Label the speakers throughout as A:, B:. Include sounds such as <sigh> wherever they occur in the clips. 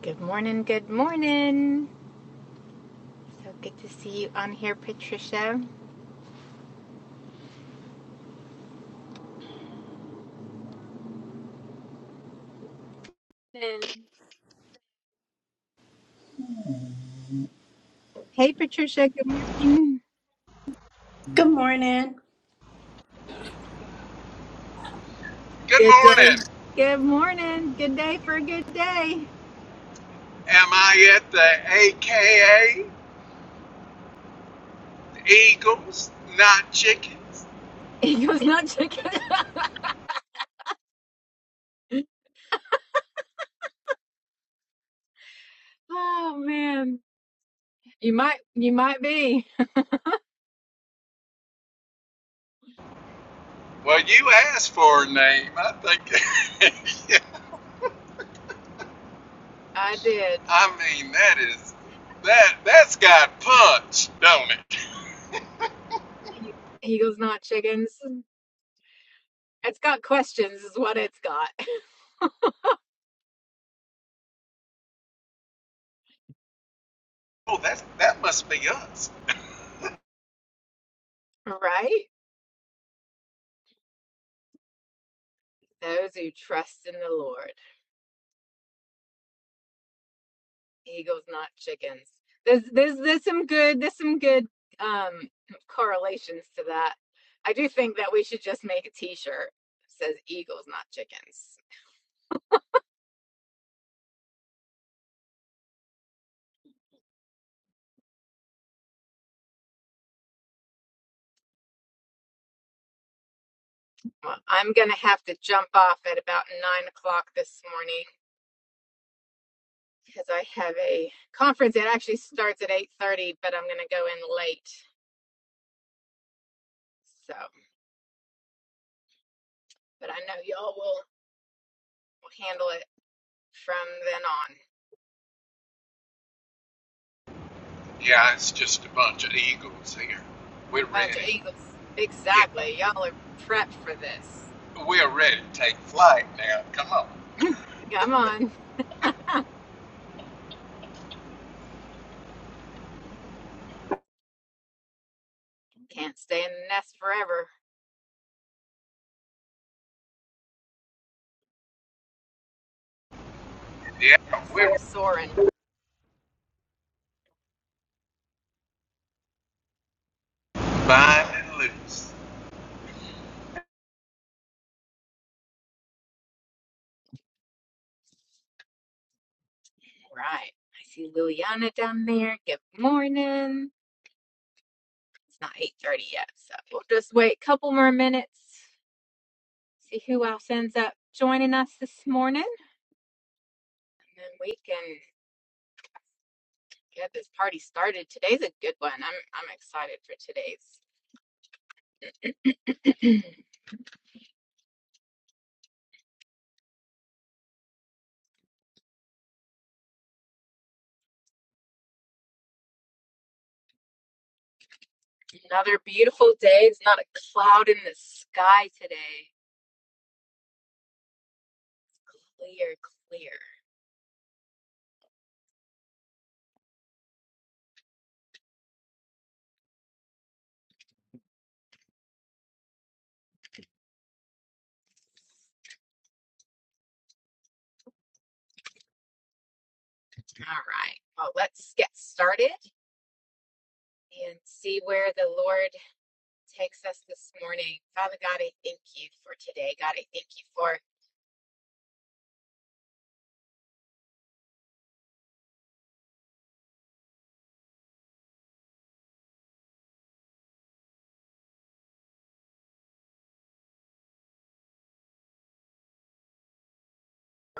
A: Good morning, good morning. So good to see you on here, Patricia. And Hey, Patricia, good morning.
B: Good morning.
C: Good
A: Good day.
C: morning.
A: Good morning. Good day for a good day.
C: Am I at the AKA Eagles, not chickens?
A: <laughs> Eagles not chicken. <laughs> Oh man. You might you might be.
C: Well, you asked for a name. I think. <laughs> Yeah.
A: I did.
C: I mean, that is that that's got punch, don't it?
A: Eagles not chickens. It's got questions is what it's got. <laughs>
C: Oh, that that must be us.
A: Right? Those who trust in the Lord. Eagles, not chickens. There's there's there's some good there's some good um correlations to that. I do think that we should just make a T-shirt that says Eagles, not chickens. Well, I'm gonna have to jump off at about nine o'clock this morning because I have a conference. It actually starts at eight thirty, but I'm gonna go in late. So, but I know y'all will, will handle it from then on.
C: Yeah, it's just a bunch of eagles here. We're
A: Bunch of
C: ready.
A: Eagles,
C: Yeah,
A: exactly. Y'all are prepped for this.
C: we're ready to take flight now. Come on.
A: Come on. Can't stay in the nest forever.
C: Yeah,
A: Gotta start
C: we're
A: soaring.
C: fine and loose.
A: All Right. I see Liliana down there. Good morning. It's not 8:30 yet, so we'll just wait a couple more minutes. See who else ends up joining us this morning. And then we can get this party started. Today's a good one. I'm I'm excited for today's. <clears throat> Another beautiful day. It's not a cloud in the sky today. Clear, clear. All right. Well, let's get started and see where the Lord takes us this morning. Father God, I thank you for today. God, I thank you for your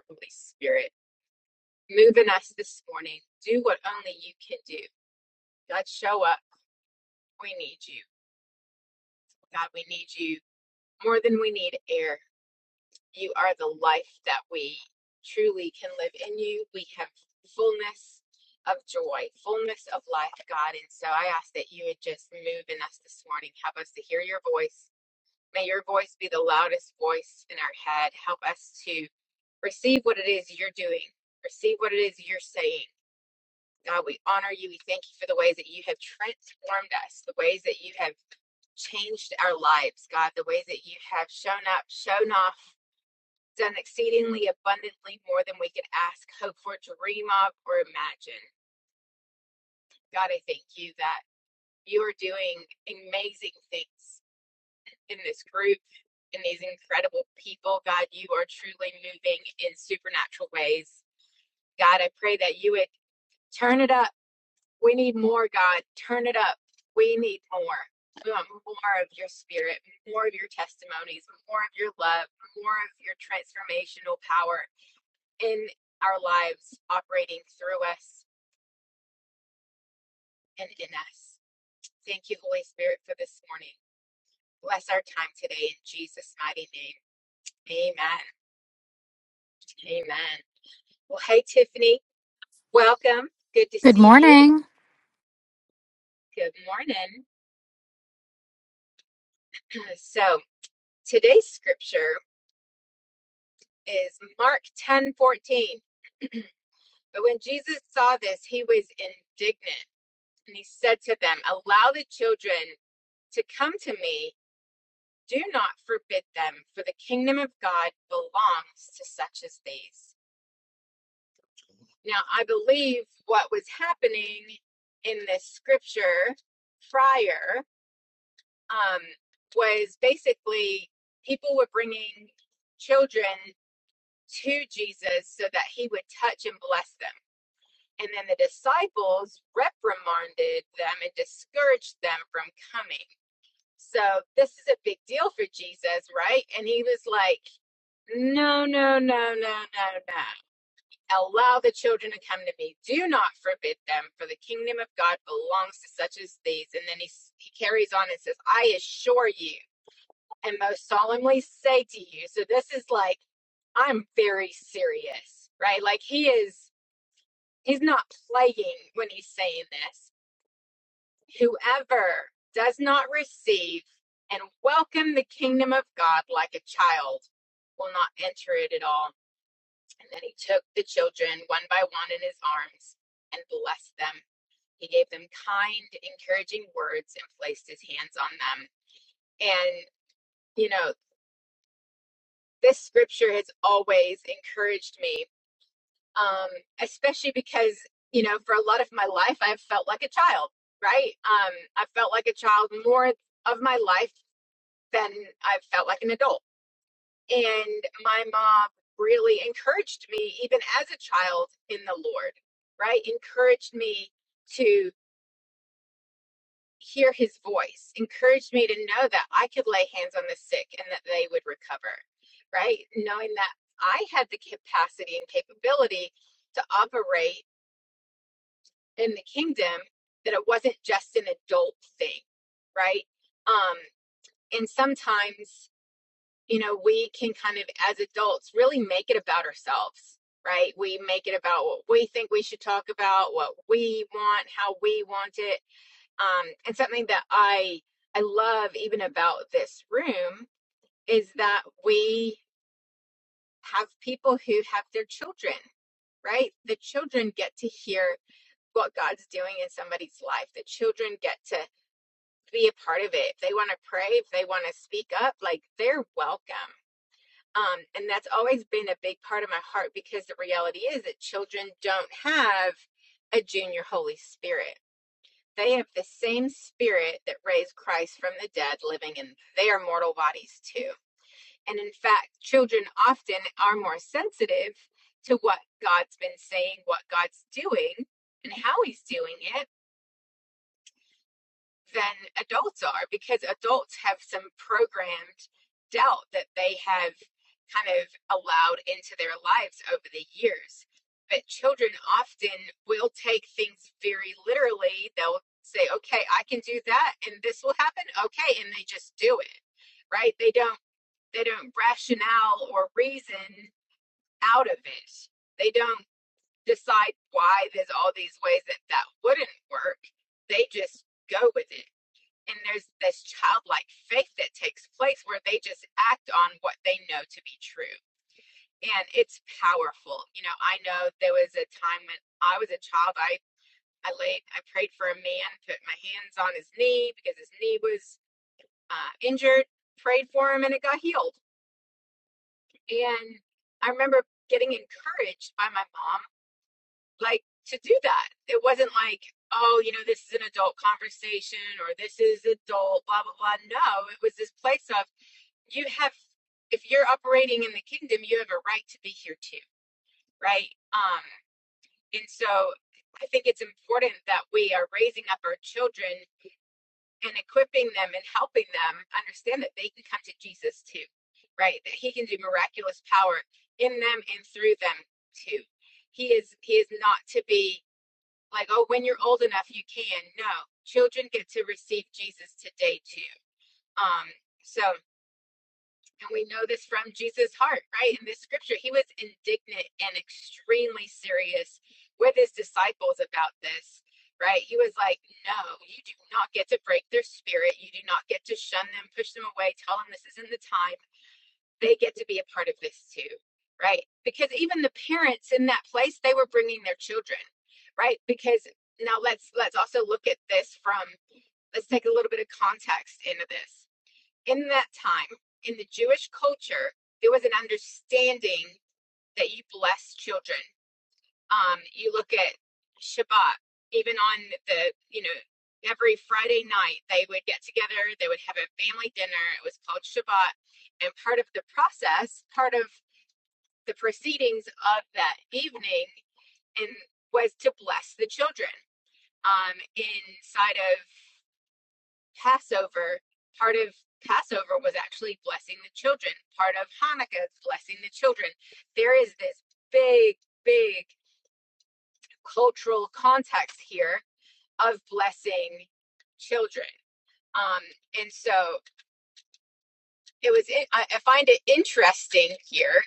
A: Holy Spirit moving us this morning. Do what only you can do. God, show up. We need you. God, we need you more than we need air. You are the life that we truly can live in you. We have fullness of joy, fullness of life, God. And so I ask that you would just move in us this morning. Help us to hear your voice May your voice be the loudest voice in our head. Help us to receive what it is you're doing, receive what it is you're saying. God, we honor you. We thank you for the ways that you have transformed us, the ways that you have changed our lives, God, the ways that you have shown up, shown off, done exceedingly abundantly more than we could ask, hope for, dream of, or imagine. God, I thank you that you are doing amazing things. in this group and these incredible people. God, you are truly moving in supernatural ways. God, I pray that you would turn it up. We need more, God. Turn it up. We need more. We want more of your spirit, more of your testimonies, more of your love, more of your transformational power in our lives, operating through us and in us. Thank you, Holy Spirit, for this morning. Bless our time today in Jesus' mighty name. Amen. Amen. Well, hey, Tiffany, welcome. Good to
D: Good
A: see you.
D: morning.
A: Good morning. So, today's scripture is Mark ten fourteen. But when Jesus saw this, he was indignant and he said to them, Allow the children to come to me. Do not forbid them, for the kingdom of God belongs to such as these. Now, I believe what was happening in this scripture prior um, was basically people were bringing children to Jesus so that he would touch and bless them. And then the disciples reprimanded them and discouraged them from coming. So this is a big deal for Jesus, right? And he was like, no, no, no, no, no, no. Allow the children to come to me. Do not forbid them, for the kingdom of God belongs to such as these. And then he, he carries on and says, I assure you and most solemnly say to you. So this is like, I'm very serious, right? Like he is, he's not playing when he's saying this. Whoever does not receive and welcome the kingdom of God like a child will not enter it at all. And then he took the children one by one in his arms and blessed them. He gave them kind, encouraging words and placed his hands on them. And, you know, this scripture has always encouraged me, um, especially because, you know, for a lot of my life, I've felt like a child, right? Um, I felt like a child more of my life than I've felt like an adult. And my mom really encouraged me, even as a child in the Lord, right? Encouraged me to. hear his voice encouraged me to know that I could lay hands on the sick and that they would recover, right? Knowing that I had the capacity and capability to operate in the kingdom, that it wasn't just an adult thing, right? Um, and sometimes, you know, we can kind of, as adults, really make it about ourselves. Right? We make it about what we think we should talk about, what we want, how we want it um, and something that I I love even about this room is that we have people who have their children, right? The children get to hear what God's doing in somebody's life. The children get to be a part of it. If they want to pray, if they want to speak up, like they're welcome. Um, and that's always been a big part of my heart because the reality is that children don't have a junior Holy Spirit They have the same spirit that raised Christ from the dead living in their mortal bodies too. And in fact, children often are more sensitive to what God's been saying, what God's doing, and how he's doing it than adults are because adults have some programmed doubt that they have kind of allowed into their lives over the years. But children often will take things very literally. They'll say, okay, I can do that and this will happen. Okay. And they just do it, right? They don't, they don't rationale or reason out of it. They don't decide why there's all these ways that that wouldn't work. They just go with it and there's this childlike faith that takes place where they just act on what they know to be true and it's powerful you know i know there was a time when i was a child i i laid i prayed for a man put my hands on his knee because his knee was uh, injured prayed for him and it got healed and i remember getting encouraged by my mom like to do that it wasn't like oh, you know, this is an adult conversation or this is adult, blah, blah, blah. No, it was this place of you have if you're operating in the kingdom you have a right to be here too right um and so i think it's important that we are raising up our children and equipping them and helping them understand that they can come to jesus too right that he can do miraculous power in them and through them too he is he is not to be like oh when you're old enough you can no children get to receive jesus today too um so And we know this from Jesus' heart, right? In this scripture, he was indignant and extremely serious with his disciples about this, right? He was like, No, you do not get to break their spirit. You do not get to shun them, push them away, tell them this isn't the time. They get to be a part of this too, right? Because even the parents in that place, they were bringing their children, right? Because now let's let's also look at this from let's take a little bit of context into this in that time, in the Jewish culture, there was an understanding that you bless children. Um, you look at Shabbat, even on the, you know, every Friday night, they would get together, they would have a family dinner. It was called Shabbat. And part of the process, part of the proceedings of that evening, and was to bless the children um, inside of Passover, part of Passover was actually blessing the children. Part of Hanukkah is blessing the children. There is this big, big cultural context here of blessing children. Um, and so it was, in, I, I find it interesting here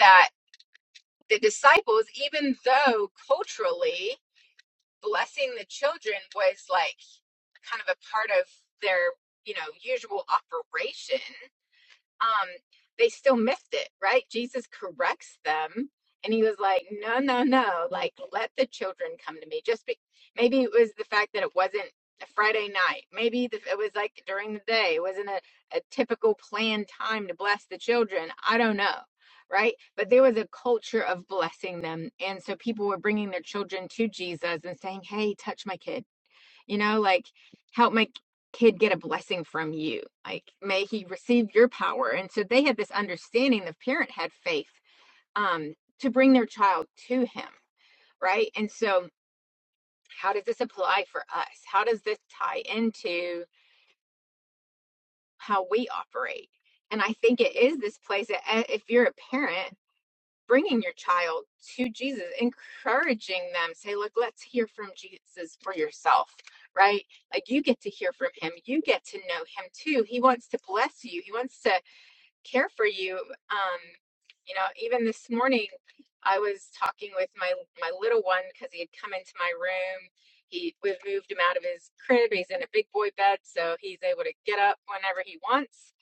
A: that the disciples, even though culturally blessing the children was like kind of a part of their, you know, usual operation, um they still missed it right jesus corrects them and he was like no no no like let the children come to me just be maybe it was the fact that it wasn't a friday night maybe the, it was like during the day it wasn't a, a typical planned time to bless the children i don't know right but there was a culture of blessing them and so people were bringing their children to jesus and saying hey touch my kid you know, like help my kid get a blessing from you. Like may he receive your power. And so they had this understanding the parent had faith um to bring their child to him, right? And so how does this apply for us? How does this tie into how we operate? And I think it is this place that uh, if you're a parent bringing your child to Jesus, encouraging them, say, look, let's hear from Jesus for yourself, right? Like you get to hear from him. You get to know him too. He wants to bless you. He wants to care for you. Um, you know, even this morning, I was talking with my my little one because he had come into my room. He we've moved him out of his crib. He's in a big boy bed, so he's able to get up whenever he wants,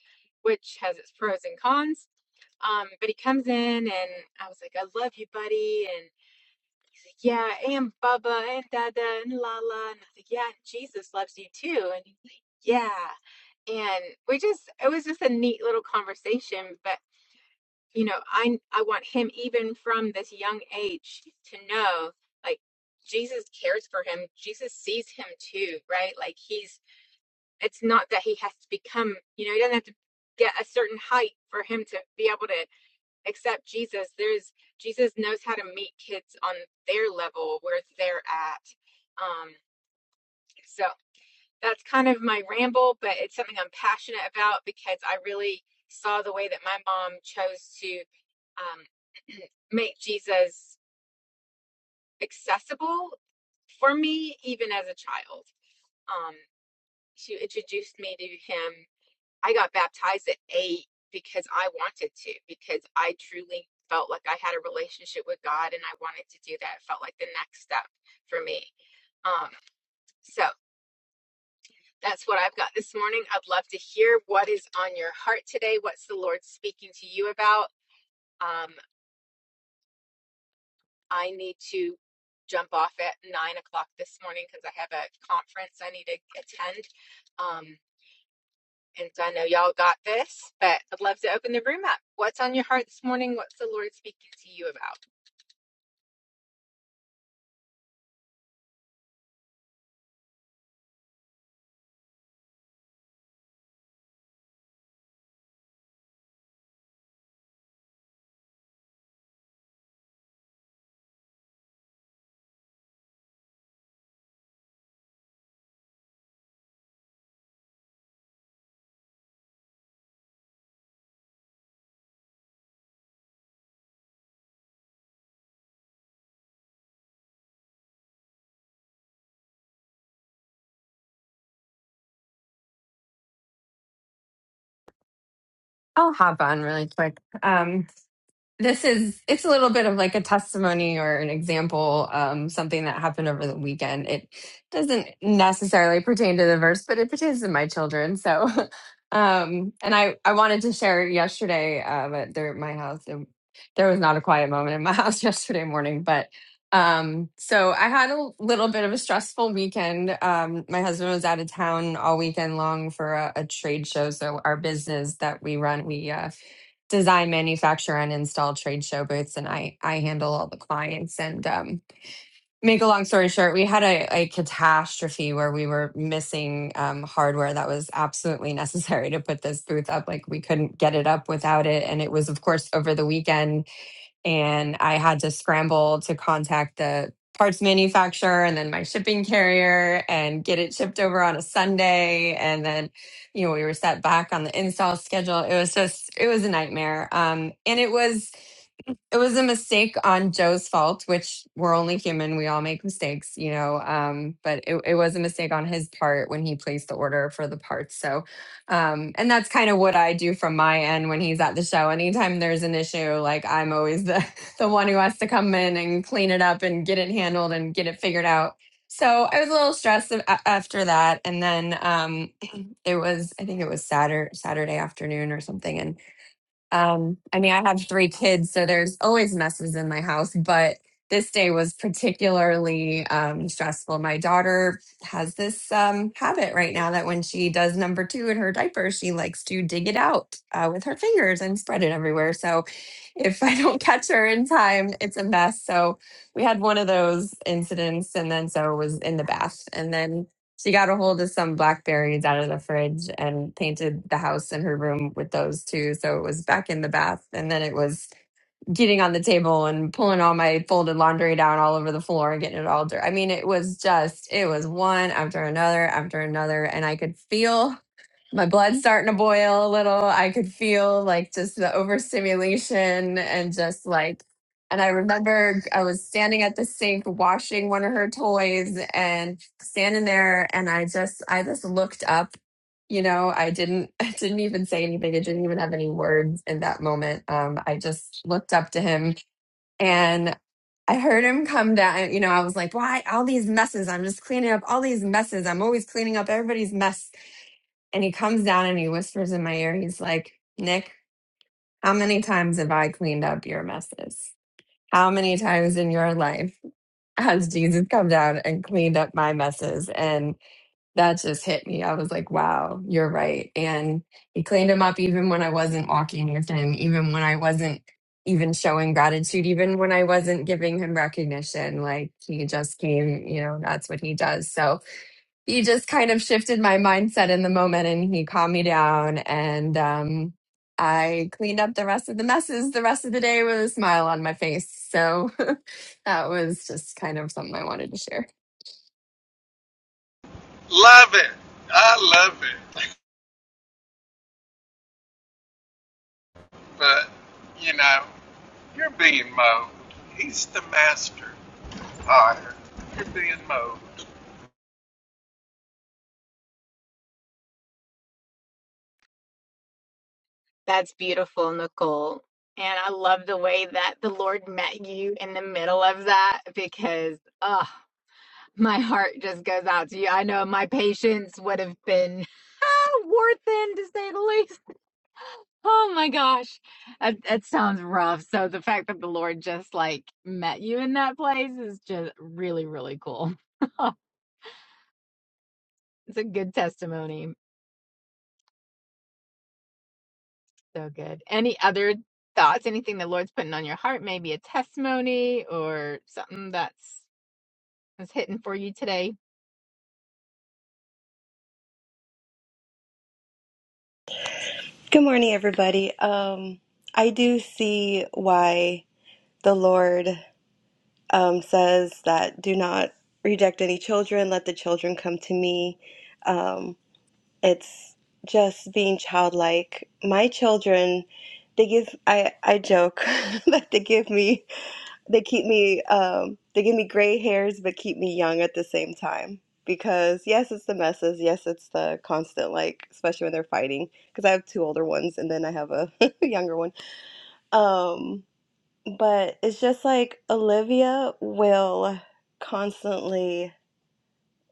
A: which has its pros and cons um, but he comes in and I was like, I love you, buddy. And he's like, Yeah, and Bubba and Dada and Lala. And I was like, Yeah, Jesus loves you too. And he's like, Yeah. And we just it was just a neat little conversation. But you know, I I want him even from this young age to know like Jesus cares for him. Jesus sees him too, right? Like he's it's not that he has to become, you know, he doesn't have to get a certain height for him to be able to except Jesus. There's Jesus knows how to meet kids on their level where they're at. Um, so that's kind of my ramble, but it's something I'm passionate about because I really saw the way that my mom chose to um, <clears throat> make Jesus accessible for me, even as a child. Um, she introduced me to him I got baptized at eight because I wanted to, because I truly felt like I had a relationship with God and I wanted to do that. It felt like the next step for me. Um, so that's what I've got this morning. I'd love to hear what is on your heart today. What's the Lord speaking to you about? Um, I need to jump off at nine o'clock this morning because I have a conference I need to attend. Um, And so I know y'all got this, but I'd love to open the room up. What's on your heart this morning? What's the Lord speaking to you about?
E: I'll hop on really quick. Um, this is it's a little bit of like a testimony or an example um something that happened over the weekend it doesn't necessarily pertain to the verse but it pertains to my children so <laughs> um and i i wanted to share yesterday uh but there at my house there, there was not a quiet moment in my <laughs> house yesterday morning but um so i had a little bit of a stressful weekend um my husband was out of town all weekend long for a, a trade show so our business that we run we uh design, manufacture, and install trade show booths, and I I handle all the clients. And um, make a long story short, we had a, a catastrophe where we were missing um, hardware that was absolutely <laughs> necessary to put this booth up. Like we couldn't get it up without it, and it was of course over the weekend and I had to scramble to contact the parts manufacturer and then my shipping carrier and get it shipped over on a Sunday. And then, you know, we were set back on the install schedule. It was just, it was a nightmare. Um, and it was, it was a mistake on Joe's fault, which we're only human. We all make mistakes, you know. Um, but it, it was a mistake on his part when he placed the order for the parts. So, um, and that's kind of what I do from my end when he's at the show. Anytime there's an issue, like I'm always the <laughs> the one who has to come in and clean it up and get it handled and get it figured out. So I was a little stressed a- a- after that, and then um, <clears throat> it was I think it was Saturday Saturday afternoon or something, and um, I mean, I have three kids, so there's always messes in my house, but this day was particularly um, stressful. My daughter has this um, habit right now that when she does number two in her diaper, she likes to dig it out uh, with her fingers and spread it everywhere. So if I don't <laughs> catch her in time, it's a mess. So we had one of those incidents, and then so it was in the bath, and then she got a hold of some blackberries out of the fridge and painted the house and her room with those too. So it was back in the bath. And then it was getting on the table and pulling all my folded laundry down all over the floor and getting it all dirty. I mean, it was just, it was one after another after another. And I could feel my blood's starting to boil a little. I could feel like just the overstimulation and just like, and I remember I was standing at the sink washing one of her toys and standing there and I just, I just looked up, you know, I didn't, <laughs> I didn't even say anything. I didn't even have any words in that moment. Um, I just looked up to him and I heard him come down, you know, I was like, why all these messes? I'm just cleaning up all these messes. I'm always cleaning up everybody's mess and he comes down and he whispers in my ear, he's like, Nick, how many times have I cleaned up your messes? How many times in your life has Jesus come down and cleaned up my messes? And that just hit me. I was like, wow, you're right. And he cleaned them up even when I wasn't walking with him, even when I wasn't even showing gratitude, even when I wasn't giving him recognition. Like he just came, you know, that's what he does. So he just kind of shifted my mindset in the moment and he calmed me down. And um, I cleaned up the rest of the messes the rest of the day with a smile on my face. So <laughs> that was just kind of something I wanted to share.
C: Love it. I love it. But you know. You're being mowed. He's the master tire. You're being mowed.
A: That's beautiful, Nicole. And I love the way that the Lord met you in the middle of that because, oh, my heart just goes out to you. I know my patience would have been <laughs> war thin to say the least. Oh my gosh, that, that sounds rough. So the fact that the Lord just like met you in that place is just really, really cool. <laughs> it's a good testimony. So good. Any other thoughts? Anything the Lord's putting on your heart? Maybe a testimony or something that's that's hitting for you today.
F: Good morning, everybody. Um, I do see why the Lord um, says that do not reject any children, let the children come to me. Um, it's just being childlike. My children, they give, I, I joke <laughs> that they give me they keep me, um, they give me gray hairs, but keep me young at the same time. Because yes, it's the messes. Yes, it's the constant, like, especially when they're fighting. Because I have two older ones and then I have a <laughs> younger one. Um, but it's just like Olivia will constantly,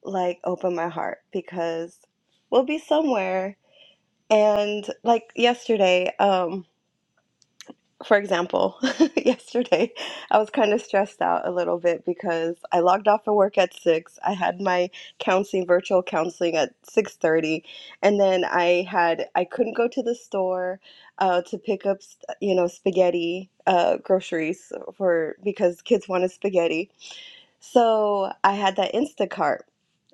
F: like, open my heart because we'll be somewhere. And like yesterday, um, for example, <laughs> yesterday I was kind of stressed out a little bit because I logged off of work at 6. I had my counseling virtual counseling at 6:30 and then I had I couldn't go to the store uh to pick up, you know, spaghetti uh groceries for because kids wanted spaghetti so I had that Instacart.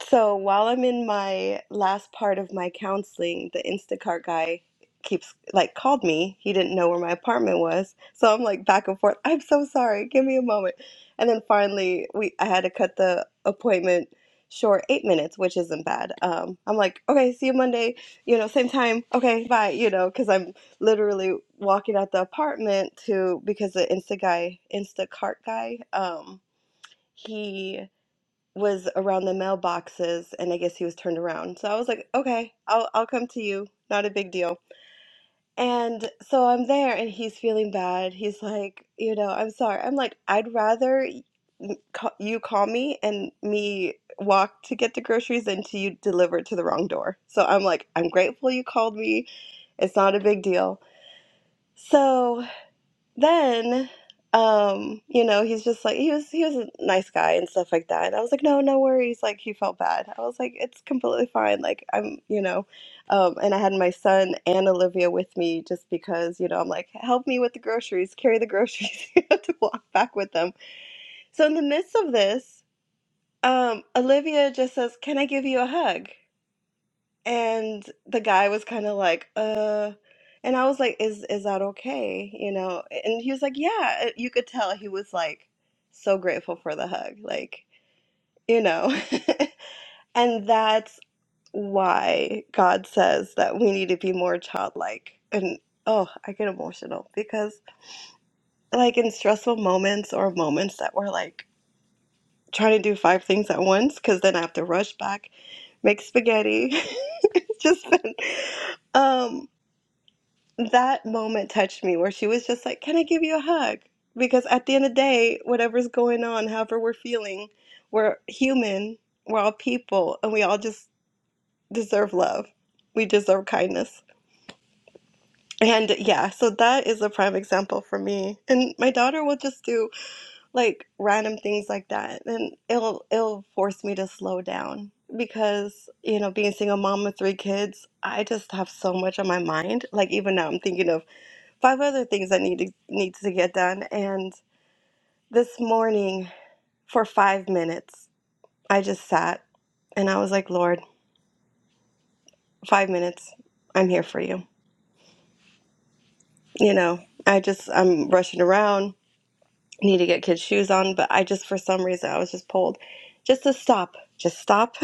F: So while I'm in my last part of my counseling, the Instacart guy keeps like called me. He didn't know where my apartment was. So I'm like back and forth. I'm so sorry. Give me a moment. And then finally we I had to cut the appointment short 8 minutes, which isn't bad. Um I'm like, "Okay, see you Monday, you know, same time. Okay, bye." You know, cuz I'm literally walking out the apartment to because the Insta guy, Instacart guy um he was around the mailboxes and I guess he was turned around. So I was like, okay, I'll I'll come to you. Not a big deal. And so I'm there and he's feeling bad. He's like, you know, I'm sorry. I'm like, I'd rather y- m- ca- you call me and me walk to get the groceries than to you deliver it to the wrong door. So I'm like, I'm grateful you called me. It's not a big deal. So then um you know he's just like he was he was a nice guy and stuff like that and i was like no no worries like he felt bad i was like it's completely fine like i'm you know um and i had my son and olivia with me just because you know i'm like help me with the groceries carry the groceries <laughs> you have to walk back with them so in the midst of this um olivia just says can i give you a hug and the guy was kind of like uh and i was like is is that okay you know and he was like yeah you could tell he was like so grateful for the hug like you know <laughs> and that's why god says that we need to be more childlike and oh i get emotional because like in stressful moments or moments that we're like trying to do five things at once because then i have to rush back make spaghetti <laughs> it's just been um that moment touched me where she was just like, Can I give you a hug? Because at the end of the day, whatever's going on, however we're feeling, we're human, we're all people, and we all just deserve love. We deserve kindness. And yeah, so that is a prime example for me. And my daughter will just do like random things like that. And it'll it'll force me to slow down because, you know, being a single mom with three kids, I just have so much on my mind. Like even now I'm thinking of five other things that need to, needs to get done. And this morning, for five minutes, I just sat and I was like, Lord, five minutes, I'm here for you. You know, I just I'm rushing around, need to get kids' shoes on, but I just for some reason I was just pulled, just to stop, just stop,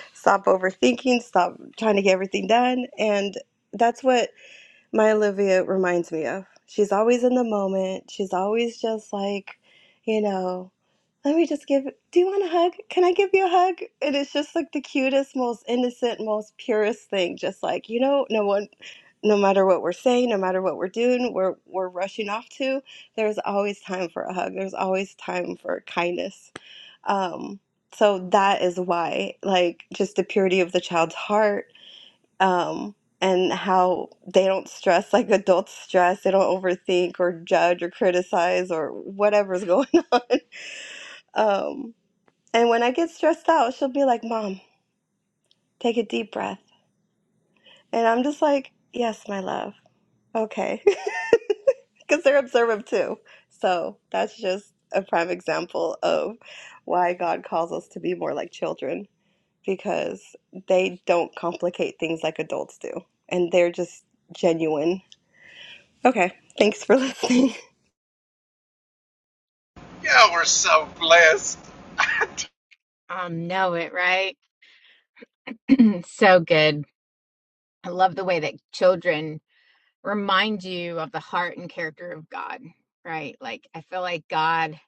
F: <laughs> stop overthinking, stop trying to get everything done, and that's what. my Olivia reminds me of. She's always in the moment. She's always just like, you know, let me just give, do you want a hug? Can I give you a hug? And it's just like the cutest, most innocent, most purest thing. Just like, you know, no one, no matter what we're saying, no matter what we're doing, we're, we're rushing off to, there's always time for a hug. There's always time for kindness. Um, so that is why, like, just the purity of the child's heart um, and how they don't stress like adults stress. They don't overthink or judge or criticize or whatever's going <laughs> on. Um, and when I get stressed out, she'll be like, Mom, take a deep breath. And I'm just like, Yes, my love. Okay. <laughs> Because they're observant too. So that's just a prime example of why God calls us to be more like children because they don't complicate things like adults do. And they're just genuine Okay, thanks for listening.
C: Yeah, we're so blessed.
A: Um, know it, right? <clears throat> so good. I love the way that children remind you of the heart and character of God, right? Like I feel like God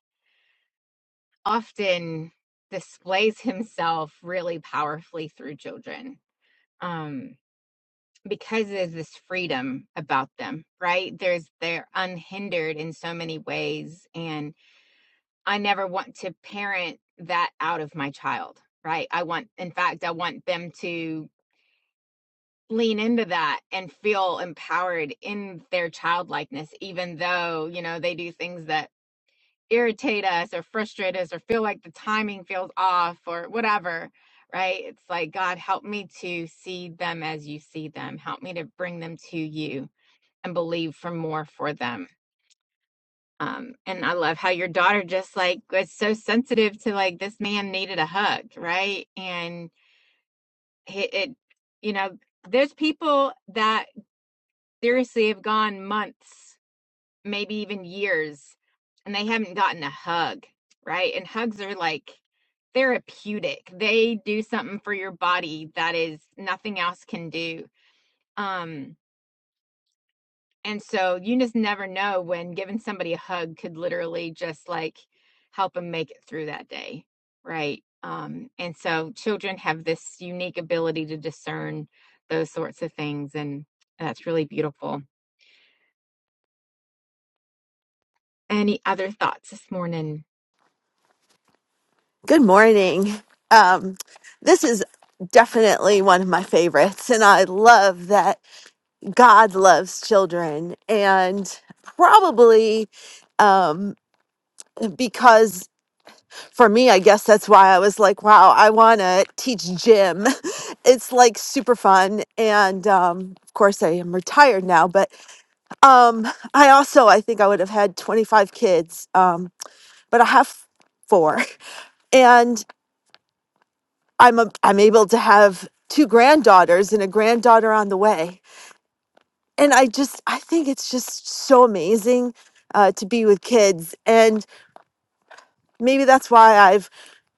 A: often displays himself really powerfully through children. Um, because there's this freedom about them, right? There's they're unhindered in so many ways. And I never want to parent that out of my child, right? I want, in fact, I want them to lean into that and feel empowered in their childlikeness, even though, you know, they do things that irritate us or frustrate us or feel like the timing feels off or whatever right? It's like, God, help me to see them as you see them. Help me to bring them to you and believe for more for them. Um, and I love how your daughter just like was so sensitive to like this man needed a hug, right? And it, it you know, there's people that seriously have gone months, maybe even years, and they haven't gotten a hug, right? And hugs are like therapeutic. They do something for your body that is nothing else can do. Um, And so you just never know when giving somebody a hug could literally just like help them make it through that day, right? Um, and so children have this unique ability to discern those sorts of things, and that's really beautiful. Any other thoughts this morning?
G: Good morning. Um, this is definitely one of my favorites, and I love that God loves children. And probably um, because for me, I guess that's why I was like, wow, I want to teach gym. <laughs> it's like super fun. And um, of course, I am retired now, but um, I also, I think I would have had 25 kids, um, but I have four. <laughs> and. I'm a, I'm able to have two granddaughters and a granddaughter on the way. And I just I think it's just so amazing uh, to be with kids, and maybe that's why I've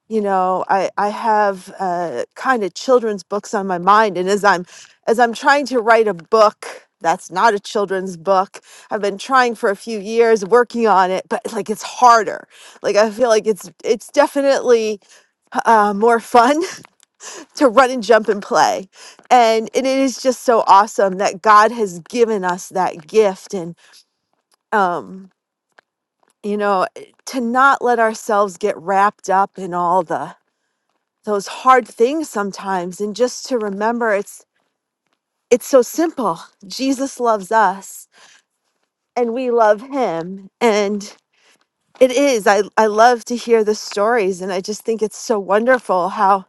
G: you know I I have uh, kind of children's books on my mind, and as I'm as I'm trying to write a book that's not a children's book i've been trying for a few years working on it but like it's harder like i feel like it's it's definitely uh, more fun to run and jump and play. And and it is just so awesome that God has given us that gift and um you know to not let ourselves get wrapped up in all the those hard things sometimes and just to remember it's it's so simple. Jesus loves us and we love him and it is I I love to hear the stories and I just think it's so wonderful how.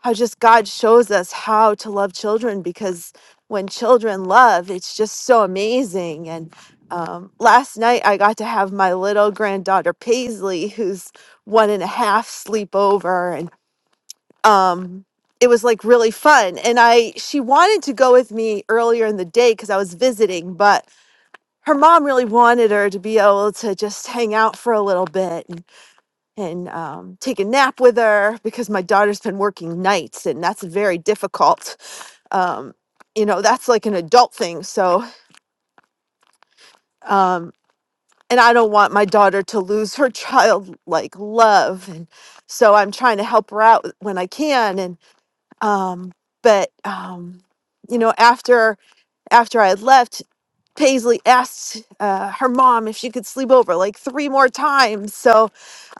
G: how just God shows us how to love children because when children love, it's just so amazing. And um, last night I got to have my little granddaughter Paisley, who's one and a half, sleep over, and um, it was like really fun. And I she wanted to go with me earlier in the day because I was visiting, but her mom really wanted her to be able to just hang out for a little bit and um, take a nap with her because my daughter's been working nights and that's very difficult. Um, you know, that's like an adult thing. So, um, and I don't want my daughter to lose her childlike love. And so I'm trying to help her out when I can. And, um, but, um, you know, after, after I had left, Paisley asked uh, her mom if she could sleep over like three more times. So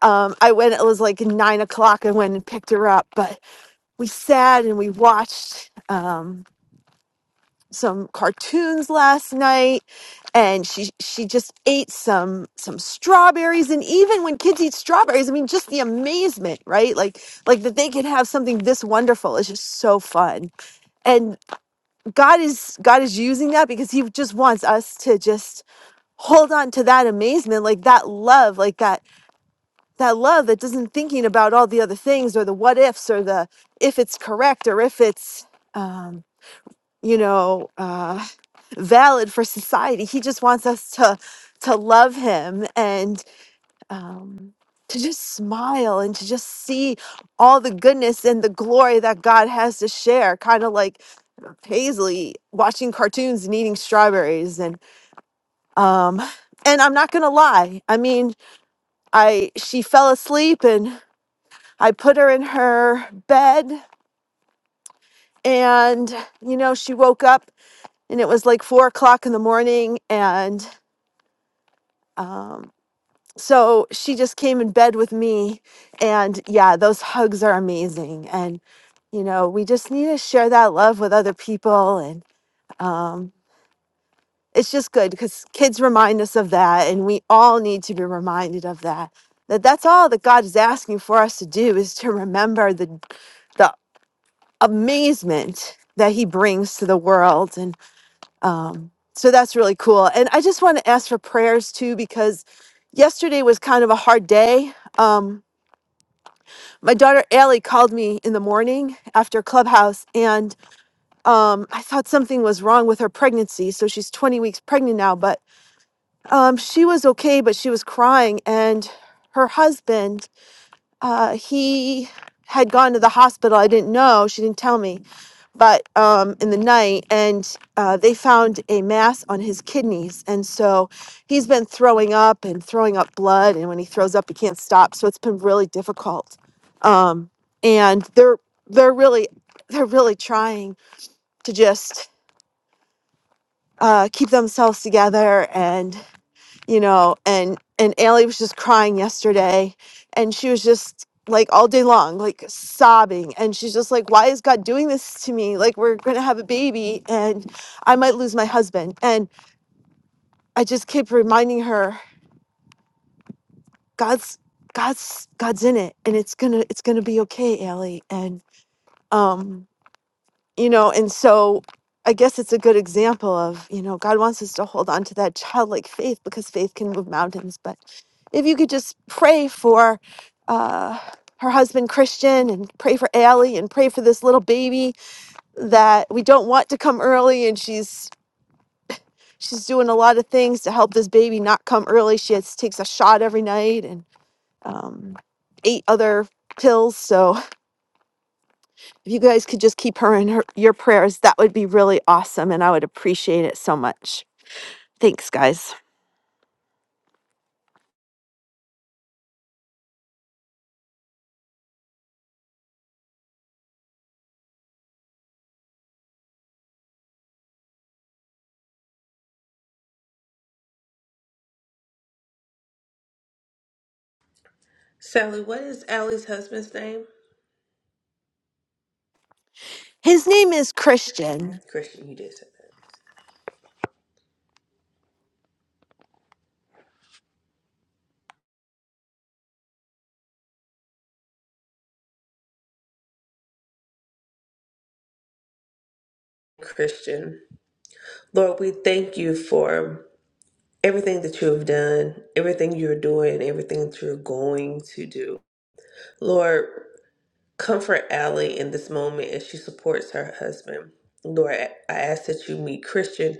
G: um, I went, it was like nine o'clock. I went and picked her up. But we sat and we watched um, some cartoons last night and she she just ate some some strawberries and even when kids eat strawberries i mean just the amazement right like like that they can have something this wonderful is just so fun and god is god is using that because he just wants us to just hold on to that amazement like that love like that that love that doesn't thinking about all the other things or the what ifs or the if it's correct or if it's Um, you know uh valid for society he just wants us to to love him and um to just smile and to just see all the goodness and the glory that God has to share, kind of like Paisley watching cartoons and eating strawberries. And um, and I'm not gonna lie. I mean, I she fell asleep and I put her in her bed, and you know she woke up and it was like four o'clock in the morning, and Um, so she just came in bed with me, and yeah, those hugs are amazing. And you know, we just need to share that love with other people, and um, it's just good because kids remind us of that, and we all need to be reminded of that. That that's all that God is asking for us to do is to remember the the amazement that He brings to the world and. Um, so that's really cool. And I just want to ask for prayers too, because yesterday was kind of a hard day. Um, my daughter Allie called me in the morning after Clubhouse, and um, I thought something was wrong with her pregnancy. So she's 20 weeks pregnant now, but um, she was okay, but she was crying. And her husband uh, he had gone to the hospital. I didn't know. She didn't tell me. But um, in the night, and uh, they found a mass on his kidneys. And so he's been throwing up and throwing up blood. And when he throws up, he can't stop. So it's been really difficult. Um, and they're they're really they're really trying to just uh, keep themselves together and you know, and and Allie was just crying yesterday and she was just like all day long, like sobbing. And she's just like, Why is God doing this to me? Like we're gonna have a baby and I might lose my husband. And I just kept reminding her, God's God's God's in it and it's gonna it's gonna be okay, Allie. And um you know and so i guess it's a good example of you know god wants us to hold on to that childlike faith because faith can move mountains but if you could just pray for uh her husband Christian and pray for Allie and pray for this little baby that we don't want to come early and she's she's doing a lot of things to help this baby not come early. She has, takes a shot every night and um, eight other pills so If you guys could just keep her in her, your prayers, that would be really awesome. And I would appreciate it so much. Thanks, guys.
H: Sally, what is Allie's husband's name?
G: His name is Christian.
H: Christian, you did say that. Christian. Lord, we thank you for everything that you have done, everything you're doing, everything that you're going to do. Lord, comfort Allie in this moment as she supports her husband. Lord, I I ask that you meet Christian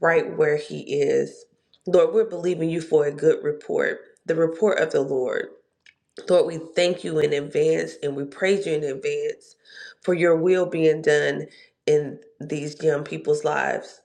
H: right where he is. Lord, we're believing you for a good report, the report of the Lord. Lord, we thank you in advance and we praise you in advance for your will being done in these young people's lives.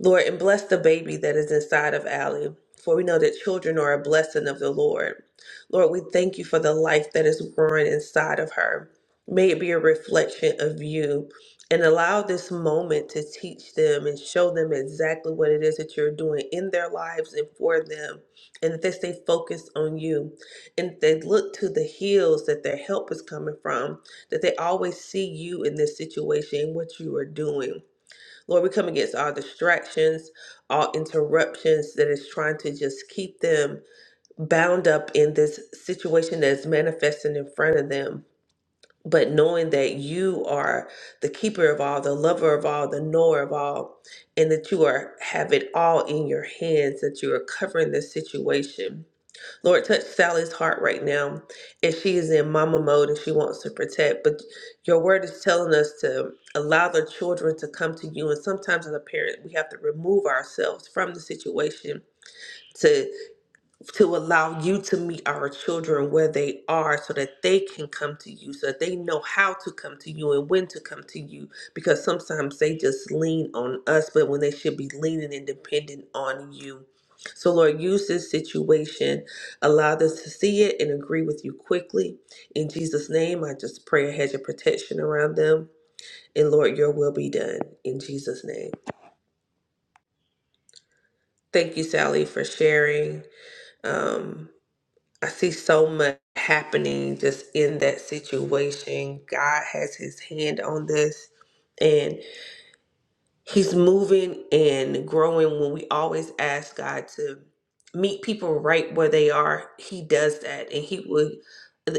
H: Lord, and bless the baby that is inside of Allie, for we know that children are a blessing of the Lord. Lord, we thank you for the life that is growing inside of her. May it be a reflection of you and allow this moment to teach them and show them exactly what it is that you're doing in their lives and for them, and that they stay focused on you and they look to the hills that their help is coming from, that they always see you in this situation and what you are doing. Lord, we come against all distractions, all interruptions that is trying to just keep them bound up in this situation that is manifesting in front of them. But knowing that you are the keeper of all, the lover of all, the knower of all, and that you are have it all in your hands, that you are covering the situation Lord, touch Sally's heart right now as she is in mama mode and she wants to protect. But your word is telling us to allow the children to come to you. And sometimes as a parent, we have to remove ourselves from the situation to to allow you to meet our children where they are so that they can come to you, so that they know how to come to you and when to come to you. Because sometimes they just lean on us, but when they should be leaning and dependent on you. So, Lord, use this situation. Allow us to see it and agree with you quickly. In Jesus' name, I just pray a hedge of protection around them. And, Lord, your will be done. In Jesus' name. Thank you, Sally, for sharing. Um, I see so much happening just in that situation. God has his hand on this and he's moving and growing when we always ask God to meet people right where they are. He does that and he would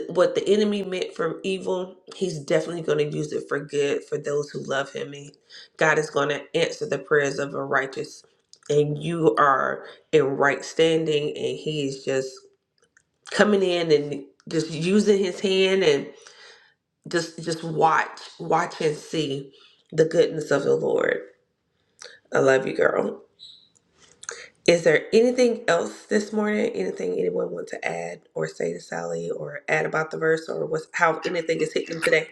H: what the enemy meant for evil, he's definitely going to use it for good for those who love him. And God is going to answer the prayers of a righteous and you are in right standing and he is just coming in and just using his hand and just just watch watch and see the goodness of the lord i love you girl is there anything else this morning anything anyone want to add or say to sally or add about the verse or what's how anything is hitting them today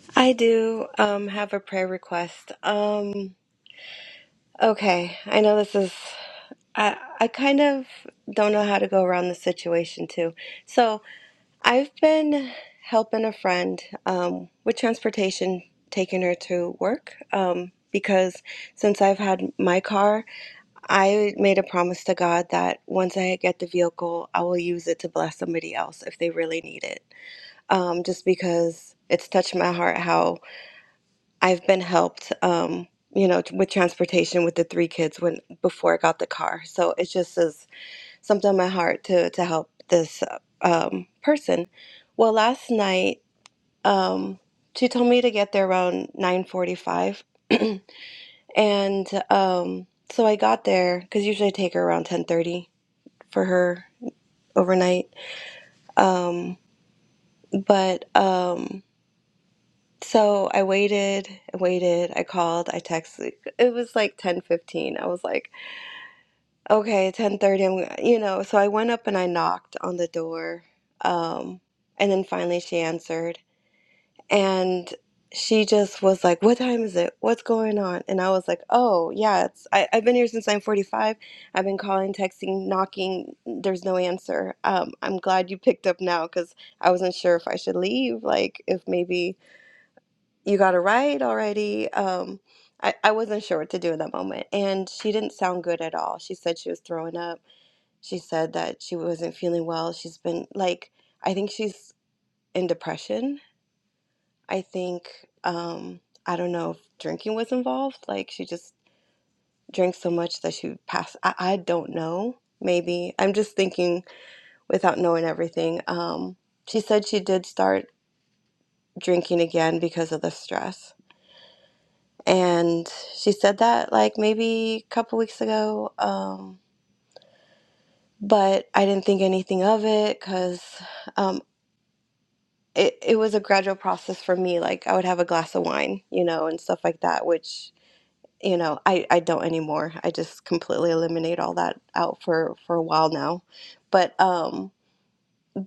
F: <laughs> I do um, have a prayer request. Um, okay, I know this is. I I kind of don't know how to go around the situation too. So I've been helping a friend um, with transportation, taking her to work. Um, because since I've had my car, I made a promise to God that once I get the vehicle, I will use it to bless somebody else if they really need it. um, just because it's touched my heart how I've been helped, um, you know, t- with transportation with the three kids when before I got the car. So it just is something in my heart to to help this uh, um, person. Well, last night um, she told me to get there around nine forty-five, <clears throat> and um, so I got there because usually I take her around ten thirty for her overnight. Um, but um, So I waited, I waited, I called, I texted. It was like 10:15. I was like, okay, 10:30, I'm, gonna-" you know, so I went up and I knocked on the door. Um, and then finally she answered and she just was like, "What time is it? What's going on?" And I was like, "Oh, yeah, it's I, I've been here since 9:45. I've been calling, texting, knocking. There's no answer. Um, I'm glad you picked up now because I wasn't sure if I should leave, like if maybe." you got it right already. Um, I, I wasn't sure what to do in that moment. And she didn't sound good at all. She said she was throwing up. She said that she wasn't feeling well. She's been like, I think she's in depression. I think, um, I don't know if drinking was involved. Like, she just drank so much that she passed. I, I don't know. Maybe. I'm just thinking without knowing everything. Um, she said she did start drinking again because of the stress and she said that like maybe a couple weeks ago um, but i didn't think anything of it because um, it, it was a gradual process for me like i would have a glass of wine you know and stuff like that which you know i, I don't anymore i just completely eliminate all that out for for a while now but um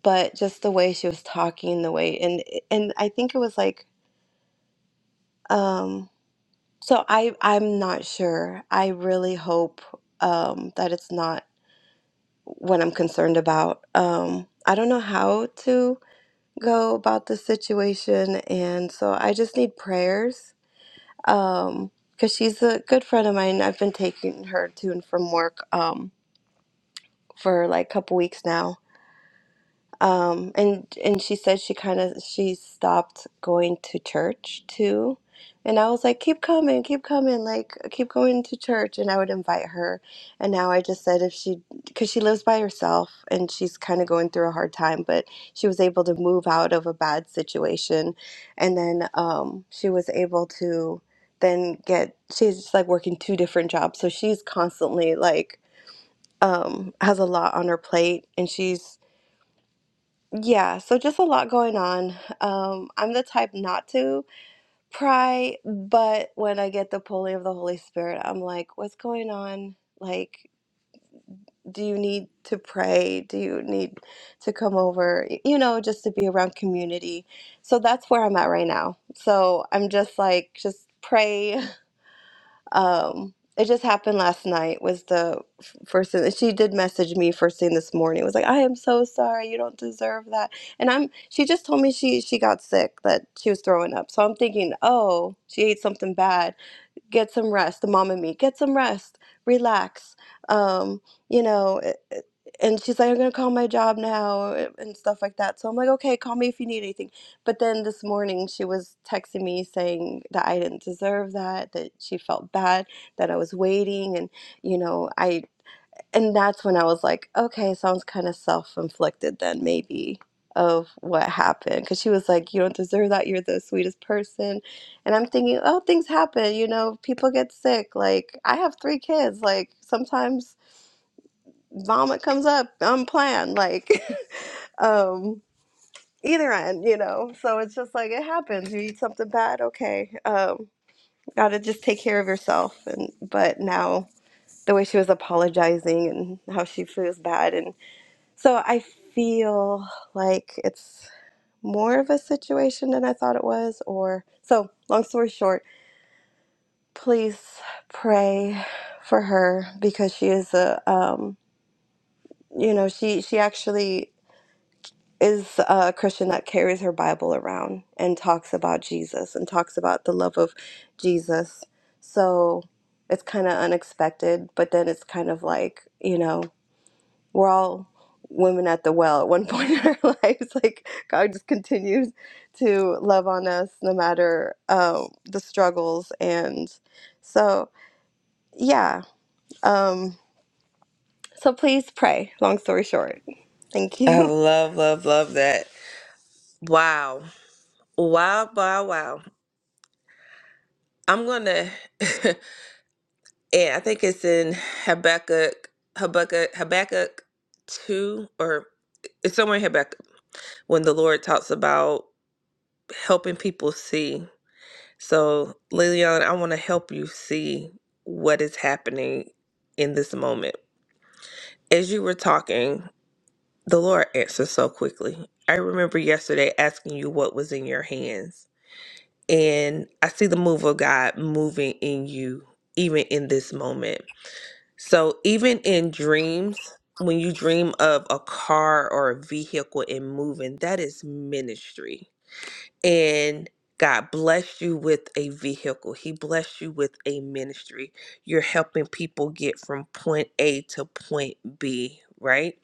F: but just the way she was talking the way and and i think it was like um so i i'm not sure i really hope um that it's not what I'm concerned about. Um, I don't know how to go about the situation, and so I just need prayers. Um, because she's a good friend of mine. I've been taking her to and from work um for like a couple weeks now, um, and and she said she kind of she stopped going to church too. And I was like, keep coming, keep coming, like keep going to church. And I would invite her. And now I just said if she, because she lives by herself and she's kind of going through a hard time, but she was able to move out of a bad situation. And then um, she was able to then get, she's like working two different jobs. So she's constantly like, um, has a lot on her plate and she's yeah, so just a lot going on. Um, I'm the type not to pry, but when I get the pulling of the Holy Spirit, I'm like, what's going on? Like, do you need to pray? Do you need to come over? Y- You know, just to be around community. So that's where I'm at right now. So I'm just like, just pray. <laughs> Um, it just happened last night was the f- first thing she did message me first thing this morning It was like I am so sorry you don't deserve that and I'm she just told me she she got sick that she was throwing up so I'm thinking oh she ate something bad get some rest the mom and me get some rest relax um you know it- it- and she's like i'm gonna call my job now a- and stuff like that so i'm like okay call me if you need anything but then this morning she was texting me saying that i didn't deserve that that she felt bad that i was waiting and you know i and that's when I was like, okay, sounds kind of self-inflicted then maybe of what happened because she was like, you don't deserve that. You're the sweetest person. And I'm thinking, oh, things happen, you know, people get sick. Like I have three kids, like sometimes vomit comes up unplanned, like <laughs> um either end, you know. So it's just like it happens. You eat something bad, okay. Um gotta just take care of yourself and but now the way she was apologizing and how she feels bad and So I feel like it's more of a situation than I thought it was, or so long story short, please pray for her because she is a um you know, she she actually is a Christian that carries her Bible around and talks about Jesus and talks about the love of Jesus. So it's kind of unexpected, but then it's kind of like, you know, we're all women at the well at one <laughs> point in our <laughs> lives. Like God just continues to love on us no matter um, the struggles. And so, yeah. Um, so please pray. Long story short, thank
H: I
F: you. <laughs>
H: love, love, love that. Wow. Wow, wow, wow. I'm going to, <laughs> and I think it's in Habakkuk, Habakkuk, Habakkuk 2, or it's somewhere in Habakkuk. when the Lord talks about helping people see. So, Lilian, I want to help you see what is happening in this moment. As you were talking, the Lord answered so quickly. I remember yesterday asking you what was in your hands, and I see the move of God moving in you, even in this moment. So, even in dreams, when you dream of a car or a vehicle and moving, that is ministry and God blessed you with a vehicle. He blessed you with a ministry. You're helping people get from point A to point B, right?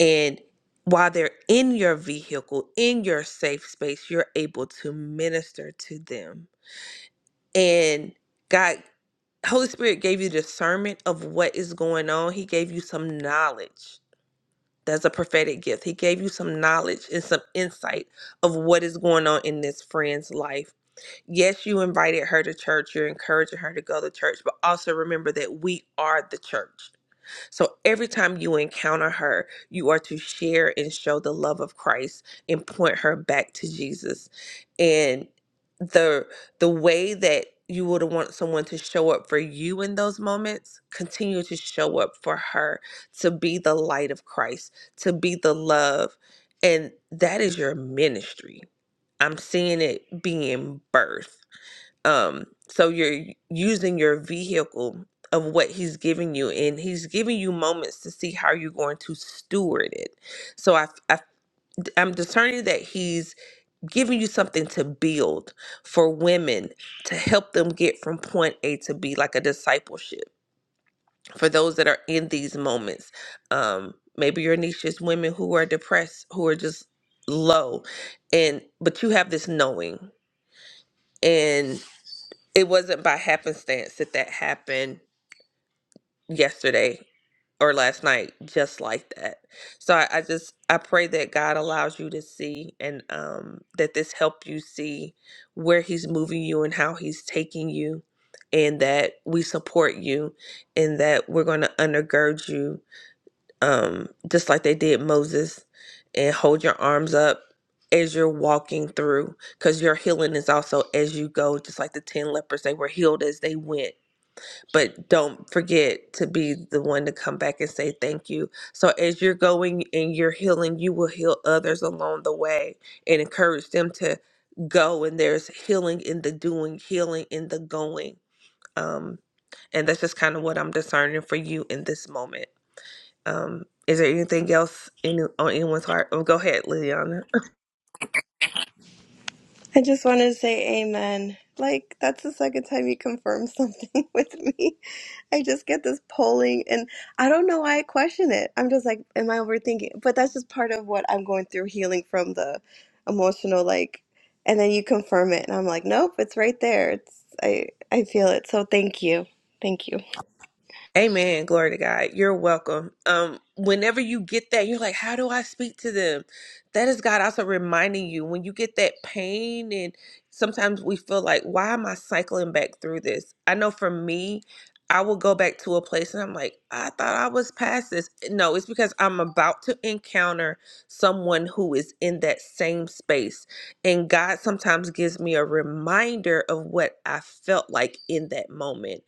H: And while they're in your vehicle, in your safe space, you're able to minister to them. And God, Holy Spirit gave you discernment of what is going on. He gave you some knowledge. That's a prophetic gift. He gave you some knowledge and some insight of what is going on in this friend's life yes, you invited her to church, you're encouraging her to go to church, but also remember that we are the church. So every time you encounter her, you are to share and show the love of Christ and point her back to Jesus. And the the way that you would want someone to show up for you in those moments, continue to show up for her, to be the light of Christ, to be the love. And that is your ministry. I'm seeing it being birthed um so you're using your vehicle of what he's giving you and he's giving you moments to see how you're going to steward it so I, I i'm discerning that he's giving you something to build for women to help them get from point a to b like a discipleship for those that are in these moments um maybe your niche is women who are depressed who are just low and but you have this knowing and it wasn't by happenstance that that happened yesterday or last night just like that so I, I just i pray that god allows you to see and um that this help you see where he's moving you and how he's taking you and that we support you and that we're going to undergird you um just like they did moses and hold your arms up as you're walking through because your healing is also as you go just like the 10 lepers they were healed as they went but don't forget to be the one to come back and say thank you. So as you're going and you're healing, you will heal others along the way and encourage them to go. And there's healing in the doing, healing in the going. Um, and that's just kind of what I'm discerning for you in this moment. Um, is there anything else in, on anyone's heart? Oh, go ahead, Liliana.
F: I just wanted to say amen. Like, that's the second time you confirm something <laughs> with me. I just get this polling, and I don't know why I question it. I'm just like, am I overthinking? But that's just part of what I'm going through healing from the emotional, like, and then you confirm it, and I'm like, nope, it's right there. It's I, I feel it. So thank you. Thank you.
H: Amen. Glory to God. You're welcome. Um, whenever you get that, you're like, how do I speak to them? That is God also reminding you when you get that pain, and sometimes we feel like, why am I cycling back through this? I know for me, I will go back to a place and I'm like, I thought I was past this. No, it's because I'm about to encounter someone who is in that same space. And God sometimes gives me a reminder of what I felt like in that moment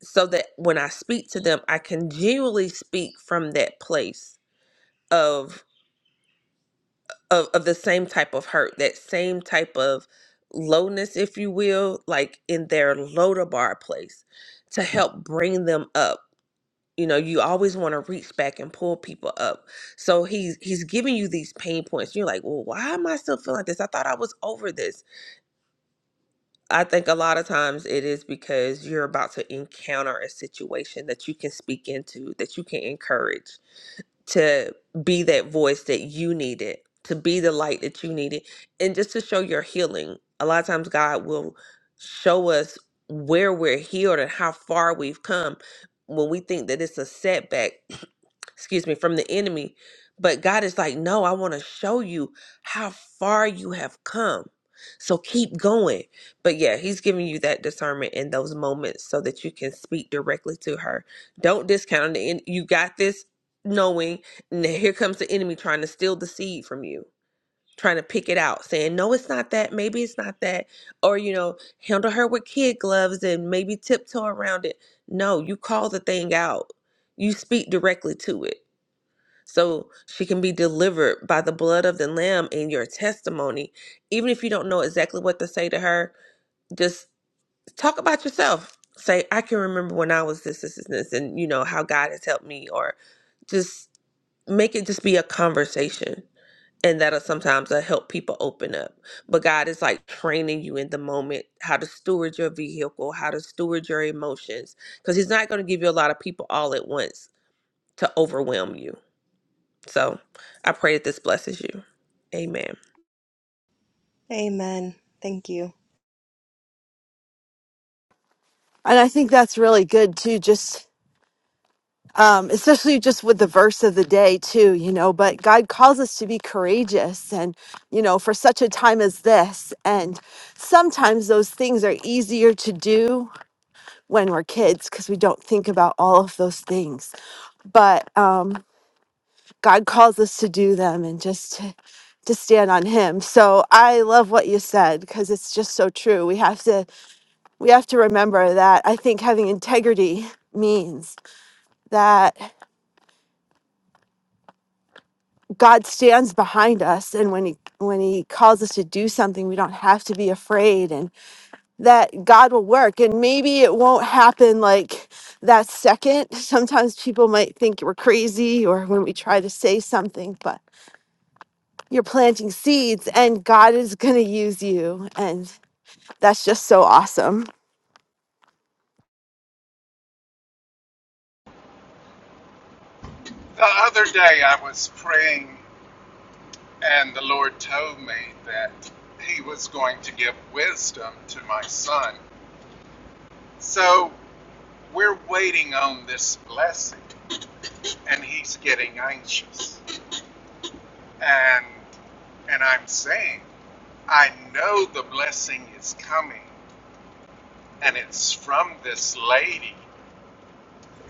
H: so that when I speak to them, I can genuinely speak from that place of of, of the same type of hurt, that same type of lowness, if you will, like in their loader bar place to help bring them up. You know, you always want to reach back and pull people up. So he's he's giving you these pain points. You're like, well, why am I still feeling like this? I thought I was over this. I think a lot of times it is because you're about to encounter a situation that you can speak into, that you can encourage. to be that voice that you needed, to be the light that you needed, and just to show your healing. A lot of times, God will show us where we're healed and how far we've come when we think that it's a setback. <clears throat> excuse me, from the enemy. But God is like, no, I want to show you how far you have come. So keep going. But yeah, he's giving you that discernment in those moments so that you can speak directly to her. Don't discount it. You got this knowing. And then here comes the enemy trying to steal the seed from you, trying to pick it out, saying, no, it's not that. Maybe it's not that. Or, you know, handle her with kid gloves and maybe tiptoe around it. No, you call the thing out, you speak directly to it so she can be delivered by the blood of the lamb and your testimony even if you don't know exactly what to say to her just talk about yourself say i can remember when i was this this this, this and you know how god has helped me or just make it just be a conversation and that'll sometimes uh, help people open up but god is like training you in the moment how to steward your vehicle how to steward your emotions because he's not going to give you a lot of people all at once to overwhelm you so I pray that this blesses you. Amen.
F: Amen. Thank you.
G: And I think that's really good too, just um, especially just with the verse of the day too, you know. But God calls us to be courageous and, you know, for such a time as this. And sometimes those things are easier to do when we're kids because we don't think about all of those things. But, um, God calls us to do them and just to, to stand on him. So I love what you said because it's just so true. We have to we have to remember that I think having integrity means that God stands behind us and when he when he calls us to do something, we don't have to be afraid and that God will work and maybe it won't happen like that second. Sometimes people might think we're crazy or when we try to say something, but. you're planting seeds and God is going to use you. And that's just so awesome.
C: The other day I was praying, and the Lord told me that He was going to give wisdom to my son. So we're waiting on this blessing, and he's getting anxious. And and I'm saying, I know the blessing is coming, and it's from this lady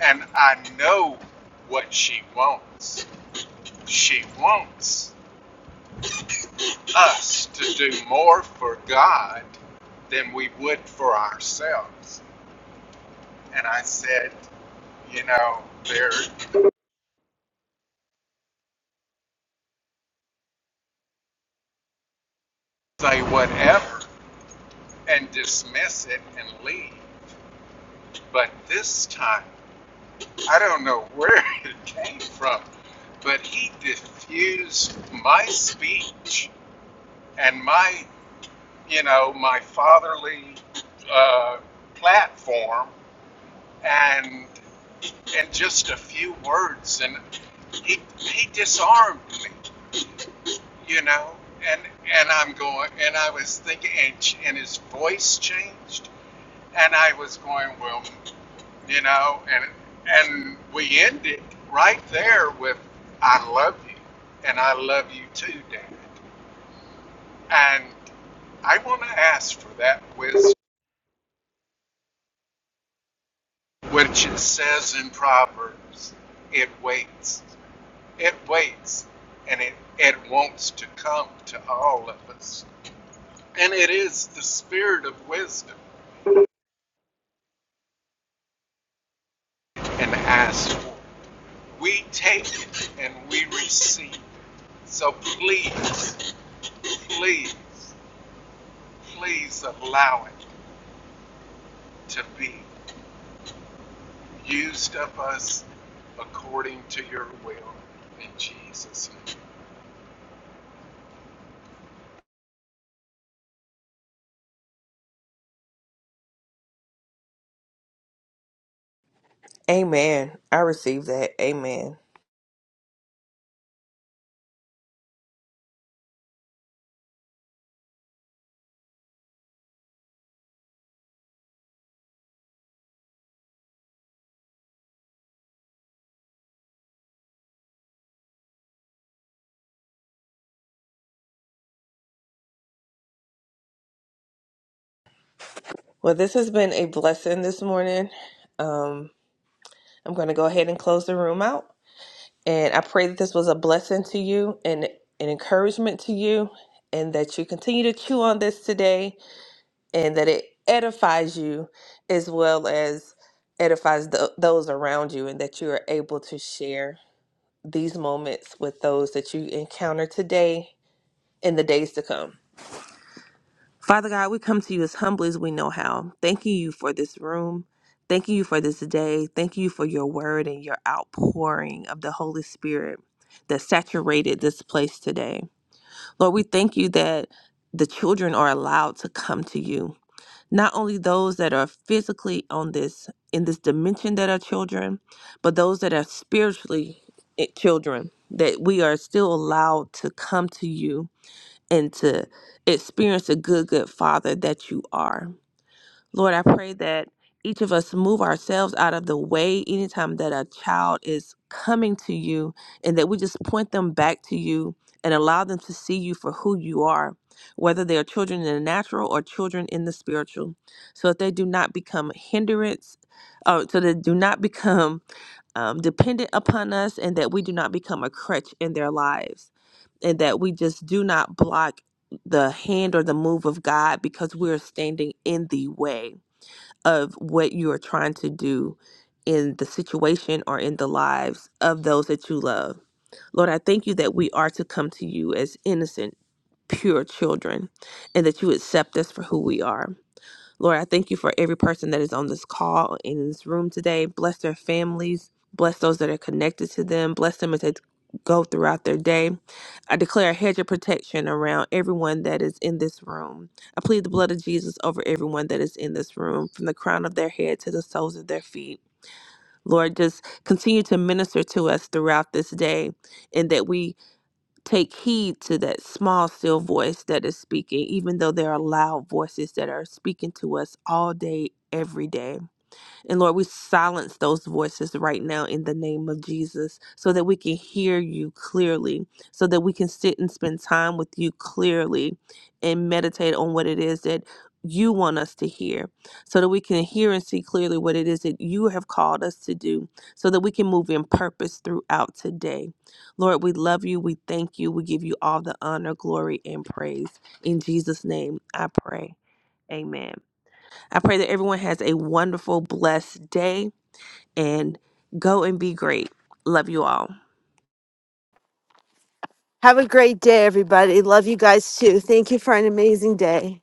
C: And I know what she wants. She wants us to do more for God than we would for ourselves. And I said, you know, there say whatever and dismiss it and leave. But this time, I don't know where <laughs> it came from, but he diffused my speech and my you know, my fatherly uh, platform and and just a few words, and he he disarmed me, you know, and and I'm going, and I was thinking, and, and his voice changed, and I was going, well, you know, and and we ended right there with, I love you, and I love you too, Dad, and I want to ask for that wisdom which it says in Proverbs, it waits. It waits and it, it wants to come to all of us. And it is the spirit of wisdom and ask for it. We take it and we receive it. So please, please, please allow it to be used of us according to your will in Jesus' name.
H: Amen. I receive that. Amen. Well, this has been a blessing this morning. Um, I'm going to go ahead and close the room out. And I pray that this was a blessing to you and an encouragement to you, and that you continue to chew on this today and that it edifies you as well as edifies th- those around you, and that you are able to share these moments with those that you encounter today and the days to come. Father God, we come to you as humbly as we know how, thanking you for this room. Thanking you for this day. Thank you for your word and your outpouring of the Holy Spirit that saturated this place today. Lord, we thank you that the children are allowed to come to you. Not only those that are physically on this in this dimension that are children, but those that are spiritually eh, children that we are still allowed to come to you and to experience the good, good Father that you are. Lord, I pray that each of us move ourselves out of the way anytime that a child is coming to you and that we just point them back to you and allow them to see you for who you are, whether they are children in the natural or children in the spiritual, so that they do not become hindrance, uh, so they do not <laughs> become um, dependent upon us and that we do not become a crutch in their lives and that we just do not block the hand or the move of God because we're standing in the way of what you are trying to do in the situation or in the lives of those that you love. Lord, I thank you that we are to come to you as innocent, pure children and that you accept us for who we are. Lord, I thank you for every person that is on this call and in this room today. Bless their families. Bless those that are connected to them. Bless them as they go throughout their day. I declare a hedge of protection around everyone that is in this room. I plead the blood of Jesus over everyone that is in this room, from the crown of their head to the soles of their feet. Lord, just continue to minister to us throughout this day and that we take heed to that small, still voice that is speaking, even though there are loud voices that are speaking to us all day, every day. And Lord, we silence those voices right now in the name of Jesus so that we can hear you clearly, so that we can sit and spend time with you clearly and meditate on what it is that you want us to hear, so that we can hear and see clearly what it is that you have called us to do, so that we can move in purpose throughout today. Lord, we love you. We thank you. We give you all the honor, glory, and praise. In Jesus' name, I pray. Amen. I pray that everyone has a wonderful, blessed day and go and be great. Love you all.
G: Have a great day, everybody. Love you guys too. Thank you for an amazing day.